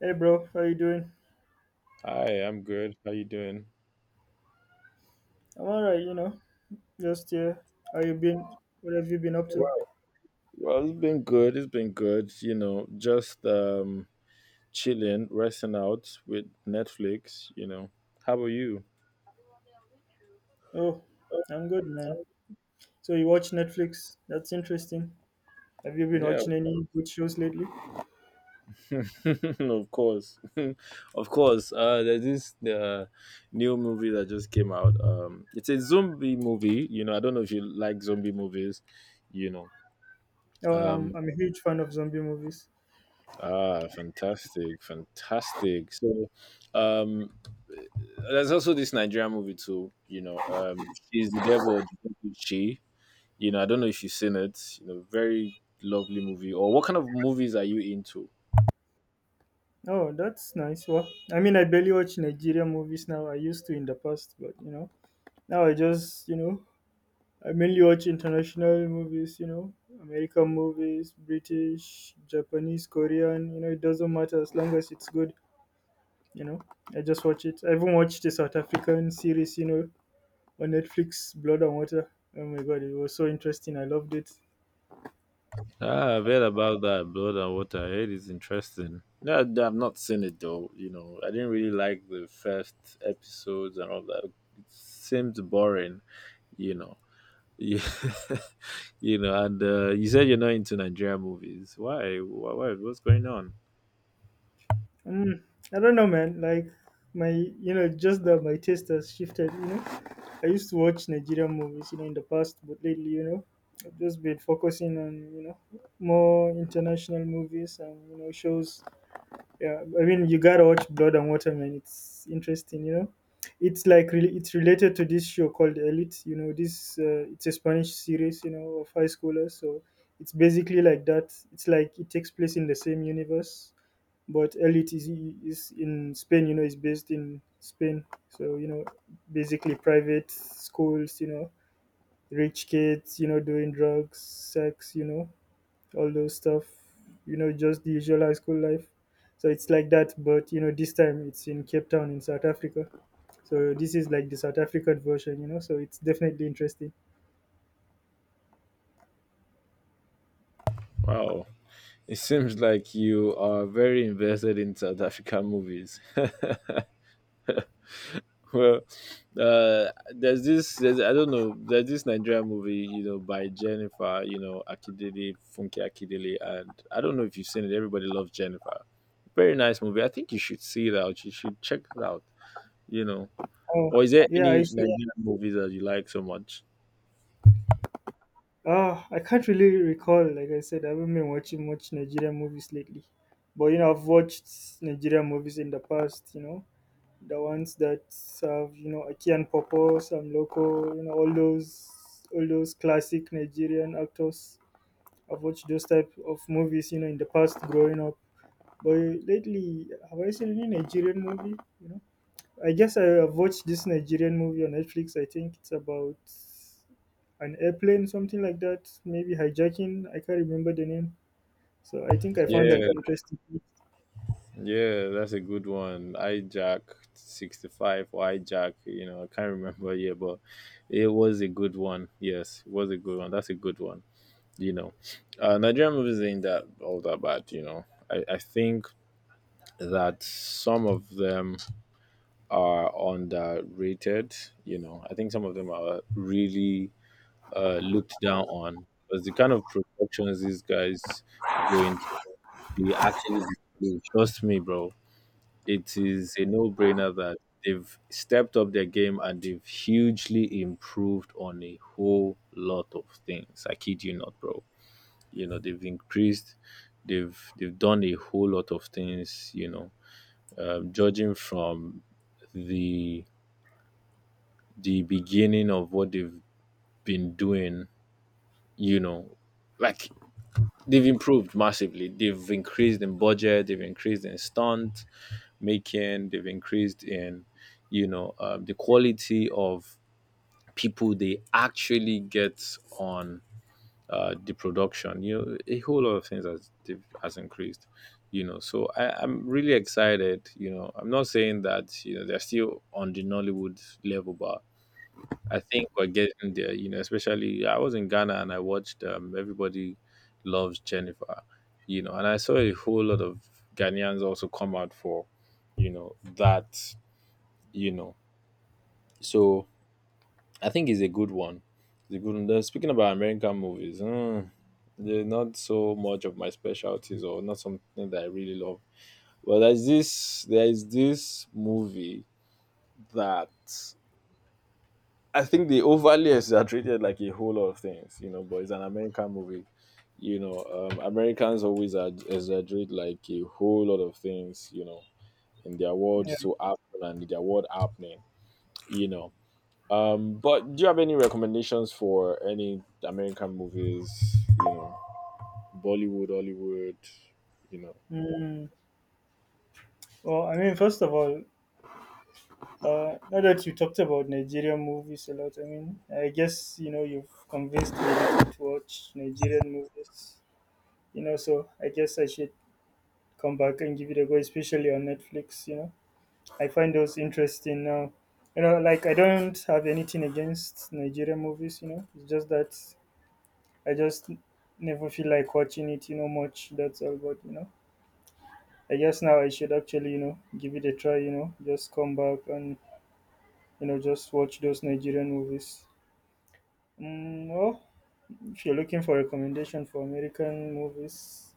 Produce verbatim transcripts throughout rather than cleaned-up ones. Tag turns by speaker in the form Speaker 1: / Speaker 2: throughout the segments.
Speaker 1: Hey bro, how you doing?
Speaker 2: Hi, I'm good. How you doing?
Speaker 1: I'm alright, you know. Just here. How you been? What have you been up to?
Speaker 2: Well, well, it's been good. It's been good. You know, just um chilling, resting out with Netflix, you know. How about you?
Speaker 1: Oh, I'm good, man. So you watch Netflix? That's interesting. Have you been
Speaker 2: Yeah,
Speaker 1: watching any good shows lately?
Speaker 2: of course. Of course. Uh there's this uh new movie that just came out. Um it's a zombie movie, you know. I don't know if you like zombie movies, you know.
Speaker 1: Oh, um,
Speaker 2: Um
Speaker 1: I'm a huge fan of zombie movies.
Speaker 2: ah fantastic, fantastic. So um There's also this Nigerian movie too, you know, um, She's the Devil, or the Devil Is She. You know, I don't know if you've seen it. You know, very lovely movie. Or what kind of movies are you into?
Speaker 1: Oh, that's nice. Well, I mean, I barely watch Nigerian movies now. I used to in the past, but you know, now I just, you know, I mainly watch international movies. You know, American movies, British, Japanese, Korean. You know, it doesn't matter as long as it's good. You know, I just watch it. I even watched the South African series, you know, on Netflix, Blood and Water. Oh my god, it was so interesting. I loved it.
Speaker 2: Ah, I've heard about that Blood and Water. I heard it's interesting. No, I've not seen it though. You know, I didn't really like the first episodes and all that. It seemed boring. You know, yeah, you know. And uh, you said you're not into Nigerian movies. Why? Why? Why? What's going on?
Speaker 1: Mm, I don't know, man. Like my, you know, just that my taste has shifted. You know, I used to watch Nigerian movies, you know, in the past, but lately, you know, I've just been focusing on, you know, more international movies and you know shows. Yeah, I mean, you gotta watch Blood and Water, man. It's interesting, you know. It's like really, it's related to this show called Elite. You know, this uh, it's a Spanish series, you know, of high schoolers. So it's basically like that. It's like it takes place in the same universe, but Elite is is in Spain. You know, it's based in Spain. So you know, basically private schools. You know, rich kids. You know, doing drugs, sex. You know, all those stuff, you know, just the usual high school life. So it's like that, but you know, this time it's in Cape Town in South Africa. So this is like the South African version, you know. So it's definitely interesting.
Speaker 2: Wow. It seems like you are very invested in South African movies. well, uh, there's this, there's, I don't know, there's this Nigerian movie, you know, by Jennifer, you know, Akidele, Funke Akidele, and I don't know if you've seen it. Everybody loves Jennifer. Very nice movie. I think you should see it out. You should check it out. You know,
Speaker 1: Oh,
Speaker 2: or is there
Speaker 1: yeah, I
Speaker 2: any
Speaker 1: should.
Speaker 2: Nigerian movies that you like so much?
Speaker 1: Ah, I can't really recall. Like I said, I haven't been watching much Nigerian movies lately. But you know, I've watched Nigerian movies in the past. You know, the ones that have you know Aki and Popo, Sam Loco, you know, all those all those classic Nigerian actors I've watched those type of movies, you know, in the past growing up. But lately, have I seen any Nigerian movie? You know, I guess I have watched this Nigerian movie on Netflix. I think it's about an airplane, something like that. Maybe hijacking. I can't remember the name. So I think I found that
Speaker 2: Yeah,
Speaker 1: interesting.
Speaker 2: Yeah, that's a good one. Hijack sixty-five or hijack, you know, I can't remember, yeah, but it was a good one. Yes, it was a good one. That's a good one. You know, uh, Nigerian movies ain't that all that bad, you know. I, I think that some of them are underrated, you know. I think some of them are really uh, looked down on because the kind of productions these guys go into, they actually do. Trust me, bro, it is a no-brainer that they've stepped up their game and they've hugely improved on a whole lot of things. I kid you not, bro. You know, they've increased, they've they've done a whole lot of things. You know, um, judging from the the beginning of what they've been doing, you know, like they've improved massively. They've increased in budget, they've increased in stunt making, they've increased in, you know, um, the quality of people they actually get on uh, the production. You know, a whole lot of things has they've- has increased. You know, so I, I'm really excited. You know, I'm not saying that you know they're still on the Nollywood level, but I think we're getting there, you know, especially I was in Ghana and I watched um, Everybody Loves Jennifer, you know, and I saw a whole lot of Ghanaians also come out for, you know, that, you know. So I think it's a good one. It's a good one. Then speaking about American movies, mm, they're not so much of my specialties or not something that I really love. Well, there's this, there is this movie that I think they overly exaggerated like a whole lot of things, you know, but it's an American movie. You know, um, Americans always ad- exaggerate like a whole lot of things, you know, in their world
Speaker 1: Yeah.
Speaker 2: to happen and in their world happening, you know. Um, but do you have any recommendations for any American movies, you know, Bollywood, Hollywood, you know?
Speaker 1: Mm. Well, I mean, first of all, uh, now that you talked about Nigerian movies a lot, I mean, I guess you know you've convinced me to watch Nigerian movies. You know, so I guess I should come back and give it a go, especially on Netflix. You know, I find those interesting now. You know, like I don't have anything against Nigerian movies. You know, it's just that I just never feel like watching it. You know, much. That's all. But you know, I guess now I should actually you know give it a try. You know, just come back and you know just watch those Nigerian movies. Mm, well, if you're looking for recommendation for American movies,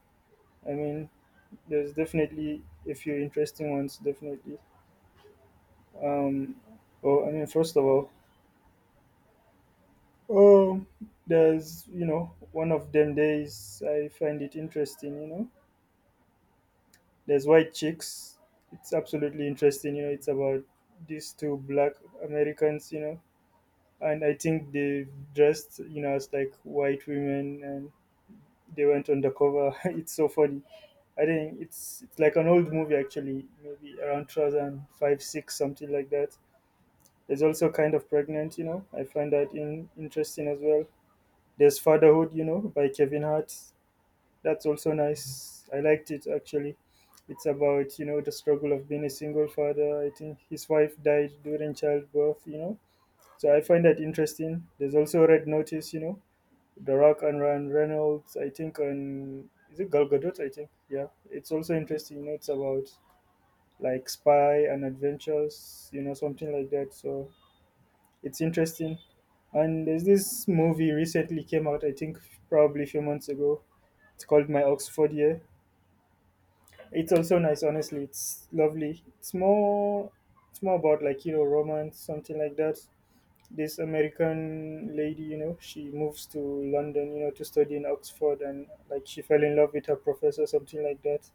Speaker 1: I mean, there's definitely a few interesting ones. Definitely. Um, well, I mean, first of all, um, there's you know one of them days I find it interesting. You know, there's White Chicks. It's absolutely interesting. You know, it's about these two black Americans. You know, and I think they dressed you know as like white women, and they went undercover. It's so funny. I think it's it's like an old movie actually, maybe around two thousand five, six, something like that. There's also Kind of Pregnant, you know, I find that in, interesting as well. There's Fatherhood, you know, by Kevin Hart. That's also nice. I liked it actually. It's about, you know, the struggle of being a single father. I think his wife died during childbirth, you know. So I find that interesting. There's also Red Notice, you know, The Rock and Ryan Reynolds, I think, and is it Gal Gadot? I think, yeah. It's also interesting, you know, it's about like spy and adventures, you know, something like that. So it's interesting. And there's this movie recently came out, I think probably a few months ago. It's called My Oxford Year. It's also nice, honestly. It's lovely. It's more it's more about like, you know, romance, something like that. This American lady, you know, she moves to London, you know, to study in Oxford and like she fell in love with her professor, something like that.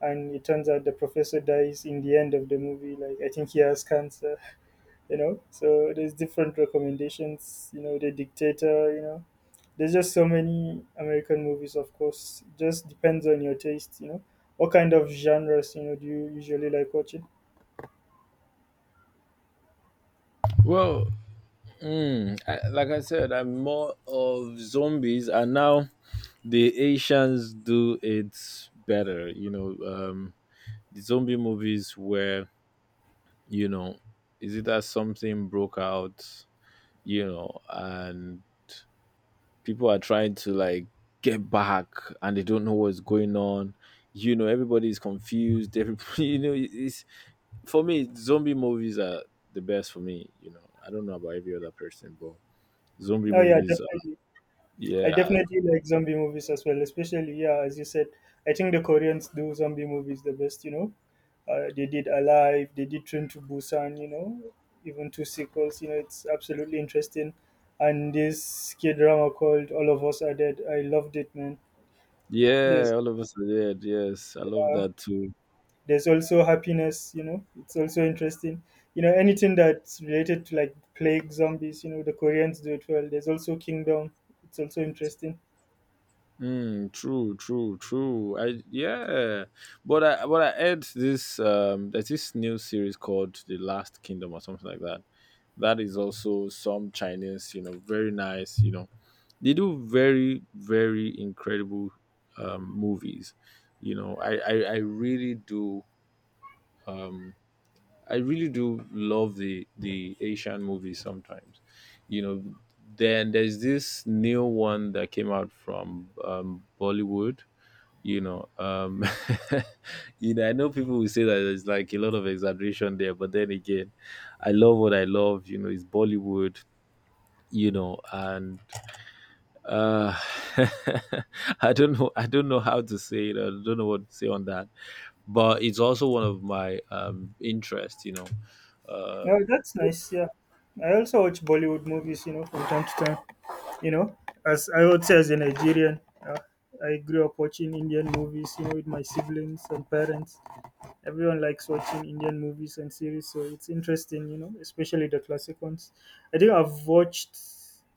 Speaker 1: And it turns out the professor dies in the end of the movie. Like I think he has cancer, you know. So there's different recommendations, you know, the dictator, you know. There's just so many American movies, of course. It just depends on your taste, you know. What kind of genres, you know, do you usually like watching?
Speaker 2: Well, mm, I, like I said, I'm more of zombies, and now the Asians do it better. You know, um, the zombie movies where you know, is it that something broke out? You know, and people are trying to like get back, and they don't know what's going on. You know, everybody's confused. Everybody, you know, it's for me. Zombie movies are the best for me. You know, I don't know about every other person, but zombie
Speaker 1: Oh yeah,
Speaker 2: movies are,
Speaker 1: definitely. I
Speaker 2: yeah,
Speaker 1: definitely like zombie movies as well, especially yeah, as you said. I think the Koreans do zombie movies the best, you know. Uh, they did Alive, they did Train to Busan, you know, even two sequels. You know, it's absolutely interesting. And this kid drama called All of Us Are Dead, I loved it, man. This
Speaker 2: yeah, all of us are dead. Yes, I love
Speaker 1: uh,
Speaker 2: that too.
Speaker 1: There's also happiness, you know, it's also interesting. You know, anything that's related to like plague zombies, you know, the Koreans do it well. There's also Kingdom, it's also interesting.
Speaker 2: Mm, true, true, true. I Yeah, but I but I heard this um there's this new series called The Last Kingdom or something like that. That is also some Chinese, you know, very nice. You know, they do very very incredible um movies. You know, I I, I really do um I really do love the the Asian movies sometimes. You know, then there's this new one that came out from um Bollywood, you know. Um you know, I know people will say that there's like a lot of exaggeration there, but then again, I love what I love, you know. It's Bollywood, you know. And uh I don't know, I don't know how to say it, I don't know what to say on that, but it's also one of my um interests, you know.
Speaker 1: Oh, that's nice, yeah. I also watch Bollywood movies, you know, from time to time. You know, as I would say, as a Nigerian, uh, I grew up watching Indian movies, you know, with my siblings and parents. Everyone likes watching Indian movies and series, so it's interesting, you know, especially the classic ones. I think I've watched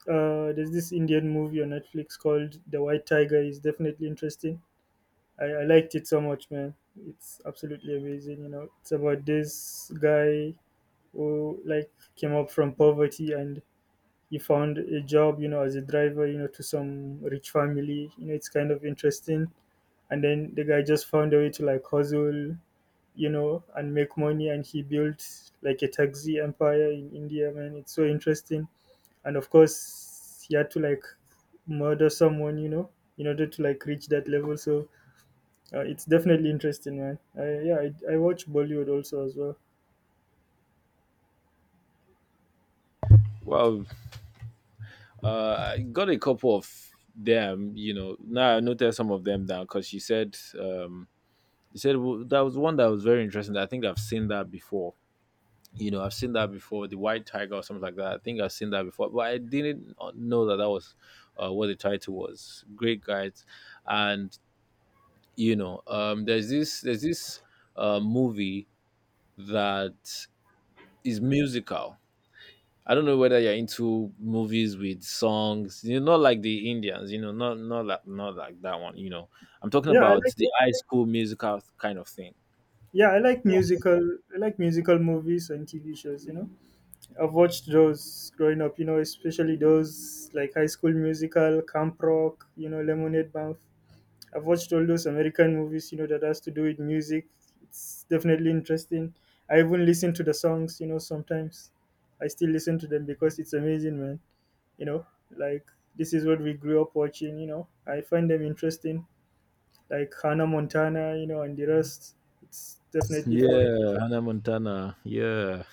Speaker 1: uh, there's this Indian movie on Netflix called The White Tiger. It's definitely interesting. I, I liked it so much, man. It's absolutely amazing, you know. It's about this guy who like came up from poverty and he found a job, you know, as a driver, you know, to some rich family. You know, it's kind of interesting. And then the guy just found a way to like hustle you know, and make money. And he built like a taxi empire in India, man. It's so interesting. And of course, he had to like murder someone, you know, in order to like reach that level. So uh, it's definitely interesting, man. I, yeah, I, I watch Bollywood also as well.
Speaker 2: Well, uh I got a couple of them, you know. Now I noticed some of them down because she said um you said w- that was one that was very interesting. I think I've seen that before. You know, I've seen that before, the White Tiger or something like that. I think I've seen that before, but I didn't know that that was uh, what the title was. Great guides, and you know, um, there's this there's this uh, movie that is musical. I don't know whether you're into movies with songs. You know, not like the Indians. You know, not not like not like that one. You know, I'm talking
Speaker 1: Yeah, I
Speaker 2: about
Speaker 1: like.
Speaker 2: the High School Musical kind of thing.
Speaker 1: Yeah, I like musical. I like musical movies and T V shows. You know, I've watched those growing up. You know, especially those like High School Musical, Camp Rock. You know, Lemonade Mouth. I've watched all those American movies, you know, that has to do with music. It's definitely interesting. I even listen to the songs, you know, sometimes. I still listen to them because it's amazing, man. You know, like this is what we grew up watching, you know. I find them interesting. Like Hannah Montana, you know, and the rest. It's definitely fun.
Speaker 2: Yeah, Hannah Montana. Yeah,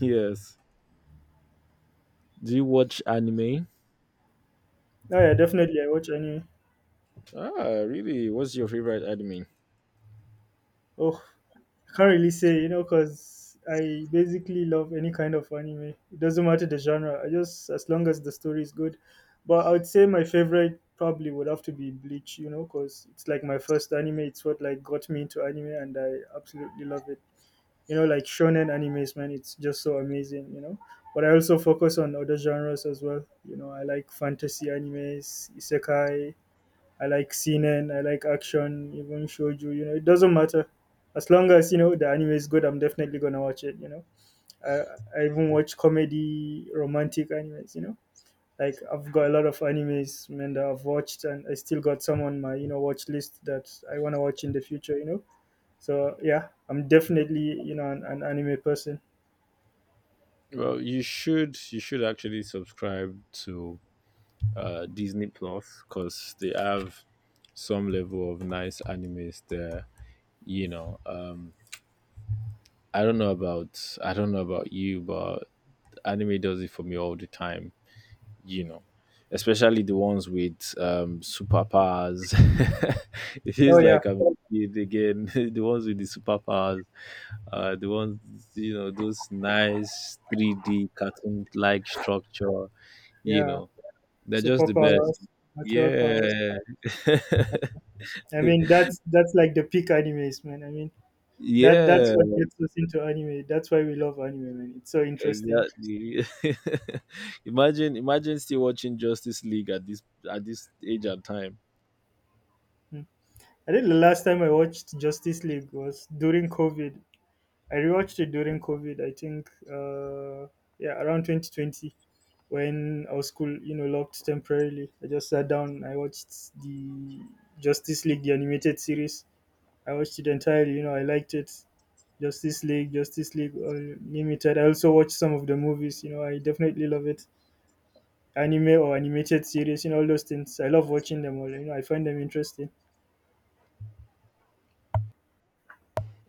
Speaker 2: yes. Do you watch anime?
Speaker 1: Oh yeah, definitely I watch anime.
Speaker 2: Ah, really? What's your favorite anime?
Speaker 1: Oh, I can't really say, you know, because I basically love any kind of anime. It doesn't matter the genre. I just as long as the story is good. But I would say my favorite probably would have to be Bleach, you know, because it's like my first anime. It's what like got me into anime, and I absolutely love it. You know, like shonen animes, man. It's just so amazing, you know. But I also focus on other genres as well. You know, I like fantasy animes, isekai, I like seinen, I like action, even shoujo. You know, it doesn't matter as long as you know the anime is good. I'm definitely gonna watch it. You know, I I even watch comedy, romantic animes. You know, like I've got a lot of animes man that I've watched, and I still got some on my you know watch list that I wanna watch in the future. You know, so yeah, I'm definitely you know an, an anime person.
Speaker 2: Well, you should you should actually subscribe to uh, Disney Plus because they have some level of nice animes there. You know, um, I don't know about I don't know about you, but anime does it for me all the time. You know, especially the ones with um, superpowers. It
Speaker 1: Oh
Speaker 2: feels
Speaker 1: yeah,
Speaker 2: like I'm a kid again. The ones with the superpowers, uh, the ones you know, those nice three D cartoon-like structure. You
Speaker 1: yeah,
Speaker 2: know, they're just the best.
Speaker 1: superpowers, natural powers.
Speaker 2: Yeah,
Speaker 1: I mean that's that's like the peak animes, man. I mean. That that's
Speaker 2: yeah,
Speaker 1: what gets us into anime. That's why we love anime, man. It's so interesting.
Speaker 2: exactly. imagine, imagine still watching Justice League at this at this age and time.
Speaker 1: Mm. I think the last time I watched Justice League was during COVID. I rewatched it during COVID. I think, uh, yeah, around twenty twenty when our school, you know, locked temporarily. I just sat down. I watched the Justice League, the animated series. I watched it entirely. You know, I liked it. Justice League, Justice League Unlimited. I also watched some of the movies. You know, I definitely love it. Anime or animated series, you know, all those things. I love watching them all. You know, I find them interesting.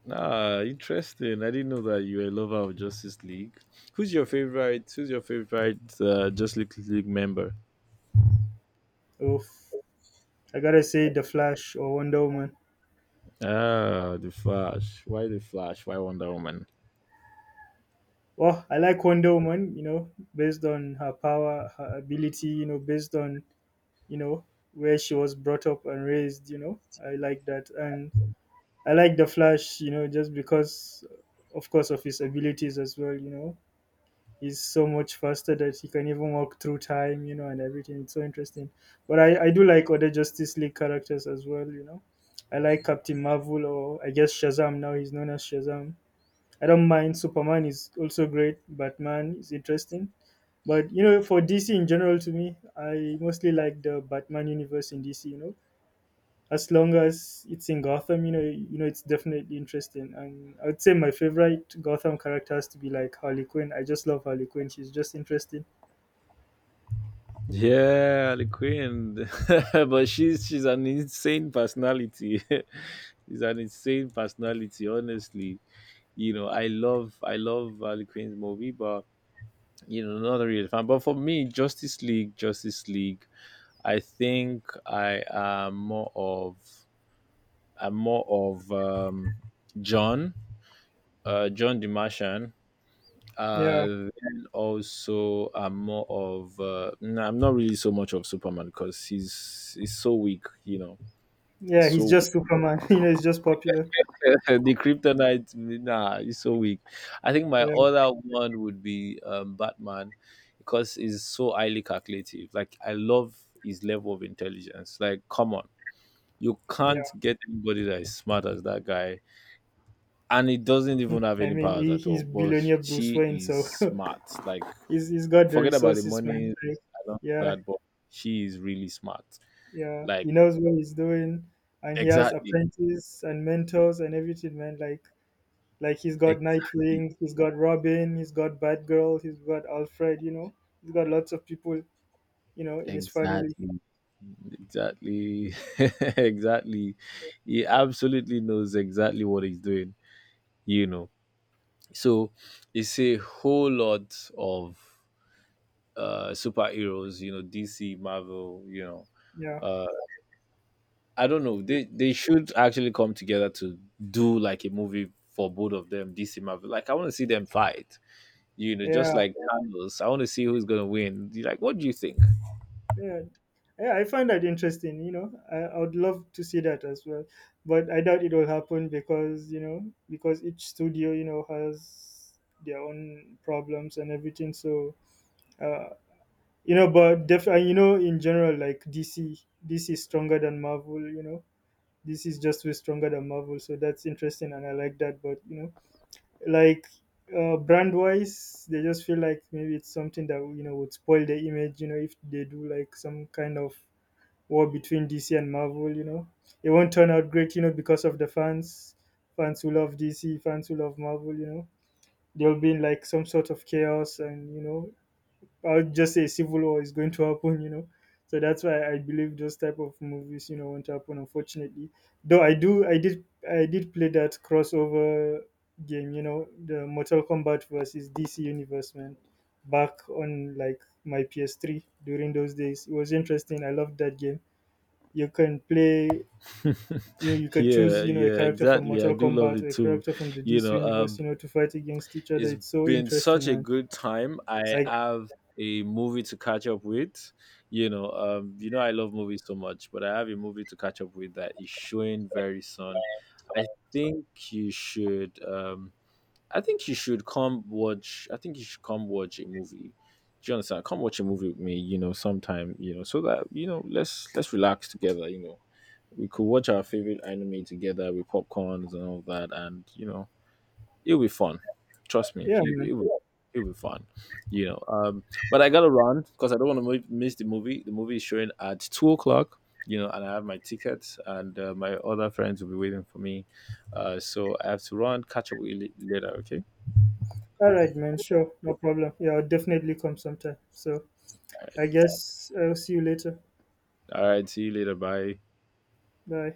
Speaker 2: Ah, interesting. I didn't know that you were a lover of Justice League. Who's your favorite? Who's your favorite uh, Justice League member?
Speaker 1: Oof. I gotta say, The Flash or Wonder Woman.
Speaker 2: Ah, the Flash. Why the Flash? Why Wonder Woman?
Speaker 1: Well, I like Wonder Woman, you know, based on her power, her ability, you know, based on, you know, where she was brought up and raised, you know. I like that. And I like The Flash, you know, just because, of course, of his abilities as well, you know. He's so much faster that he can even walk through time, you know, and everything. It's so interesting. But I, I do like other Justice League characters as well, you know. I like Captain Marvel or I guess Shazam now, he's known as Shazam. I don't mind. Superman is also great. Batman is interesting. But, you know, for D C in general, to me, I mostly like the Batman universe in D C, you know as long as it's in Gotham, you know, you know, it's definitely interesting. And I would say my favorite Gotham character has to be like Harley Quinn. I just love Harley Quinn. She's just interesting.
Speaker 2: Yeah, the Queen. But she's she's an insane personality. She's an insane personality. Honestly, you know, I love I love uh, the Queen's movie, but you know, not really a fan. But for me, Justice League, Justice League, I think I am more of I'm more of um, John, uh, John the Martian. Uh,
Speaker 1: Yeah,
Speaker 2: then also I'm more of uh, no, I'm not really so much of Superman because he's he's so weak, you know, he's
Speaker 1: yeah, he's
Speaker 2: so
Speaker 1: just Superman. You know, he's just popular.
Speaker 2: the kryptonite, nah, it's so weak. I think my
Speaker 1: Yeah,
Speaker 2: other one would be um Batman because he's so highly calculative. Like, I love his level of intelligence. Like, come on, you
Speaker 1: yeah.
Speaker 2: can't get anybody that is smart as that guy, and he doesn't
Speaker 1: Hmm.
Speaker 2: even have
Speaker 1: I
Speaker 2: any
Speaker 1: mean,
Speaker 2: powers
Speaker 1: he,
Speaker 2: at
Speaker 1: he's
Speaker 2: all. But
Speaker 1: billionaire Bruce
Speaker 2: she
Speaker 1: Wayne,
Speaker 2: is
Speaker 1: so
Speaker 2: smart, like,
Speaker 1: he's he's got the
Speaker 2: forget about the
Speaker 1: resources,
Speaker 2: money
Speaker 1: man.
Speaker 2: and
Speaker 1: Like,
Speaker 2: all of
Speaker 1: yeah,
Speaker 2: that, but she is really smart,
Speaker 1: yeah.
Speaker 2: like,
Speaker 1: He knows what he's doing, and he has
Speaker 2: exactly
Speaker 1: apprentices and mentors and everything, man. Like Like he's got
Speaker 2: exactly
Speaker 1: Nightwing, he's got Robin, he's got Batgirl, he's got Alfred. You know, he's got lots of people. You know, in his family.
Speaker 2: exactly Exactly. Exactly. He absolutely knows exactly what he's doing, you know. So it's a whole lot of uh superheroes, you know, D C, Marvel, you know.
Speaker 1: Yeah,
Speaker 2: Uh I don't know. They they should actually come together to do like a movie for both of them, D C Marvel. Like, I want to see them fight. You know, just
Speaker 1: yeah,
Speaker 2: like Thanos. I want to see who's gonna win. Like, what do you think?
Speaker 1: yeah. Yeah I find that interesting. You know, I, I would love to see that as well, but I doubt it will happen because you know because each studio you know has their own problems and everything. So uh, you know, but def- and, you know in general like D C, D C is stronger than Marvel. You know, this is just way stronger than Marvel. So that's interesting, and I like that. But you know, like uh, brand wise, they just feel like maybe it's something that you know would spoil the image. You know, if they do like some kind of war between D C and Marvel, you know, it won't turn out great. You know, because of the fans, fans who love D C, fans who love Marvel. You know, they'll be in like some sort of chaos, and you know, I would just say civil war is going to happen, you know. So that's why I believe those type of movies, you know, won't happen unfortunately. Though I do I did I did play that crossover game, you know, the Mortal Kombat versus D C Universe man back on like my P S three during those days. It was interesting. I loved that game. You can play you know, you could
Speaker 2: Yeah,
Speaker 1: choose, you know, a
Speaker 2: yeah,
Speaker 1: character from
Speaker 2: exactly. I
Speaker 1: Mortal
Speaker 2: do love
Speaker 1: Kombat
Speaker 2: it
Speaker 1: or a
Speaker 2: too.
Speaker 1: character from the
Speaker 2: You
Speaker 1: D C
Speaker 2: know,
Speaker 1: universe,
Speaker 2: um
Speaker 1: you know, to fight against each other.
Speaker 2: it's
Speaker 1: It's so
Speaker 2: been such
Speaker 1: interesting,
Speaker 2: a
Speaker 1: man.
Speaker 2: good time. I
Speaker 1: Like
Speaker 2: have a movie to catch up with. You know, um, you know I love movies so much, but I have a movie to catch up with that is showing very soon. I think you should um I think you should come watch I think you should come watch a movie. Do you understand? Come watch a movie with me, you know, sometime, you know, so that, you know, let's let's relax together, you know. We could watch our favorite anime together with popcorns and all that, and you know It'll be fun. Trust me.
Speaker 1: yeah,
Speaker 2: You
Speaker 1: man.
Speaker 2: it will it'll be fun. You know. Um but I gotta run because I don't want to miss the movie. The movie is showing at two o'clock. You know, and I have my tickets, and uh, my other friends will be waiting for me. Uh, so I have to run. Catch up with you la- later, okay?
Speaker 1: All right, man. Sure. No problem. Yeah, I'll definitely come sometime. So I guess I'll see you later.
Speaker 2: All right. See you later. Bye.
Speaker 1: Bye.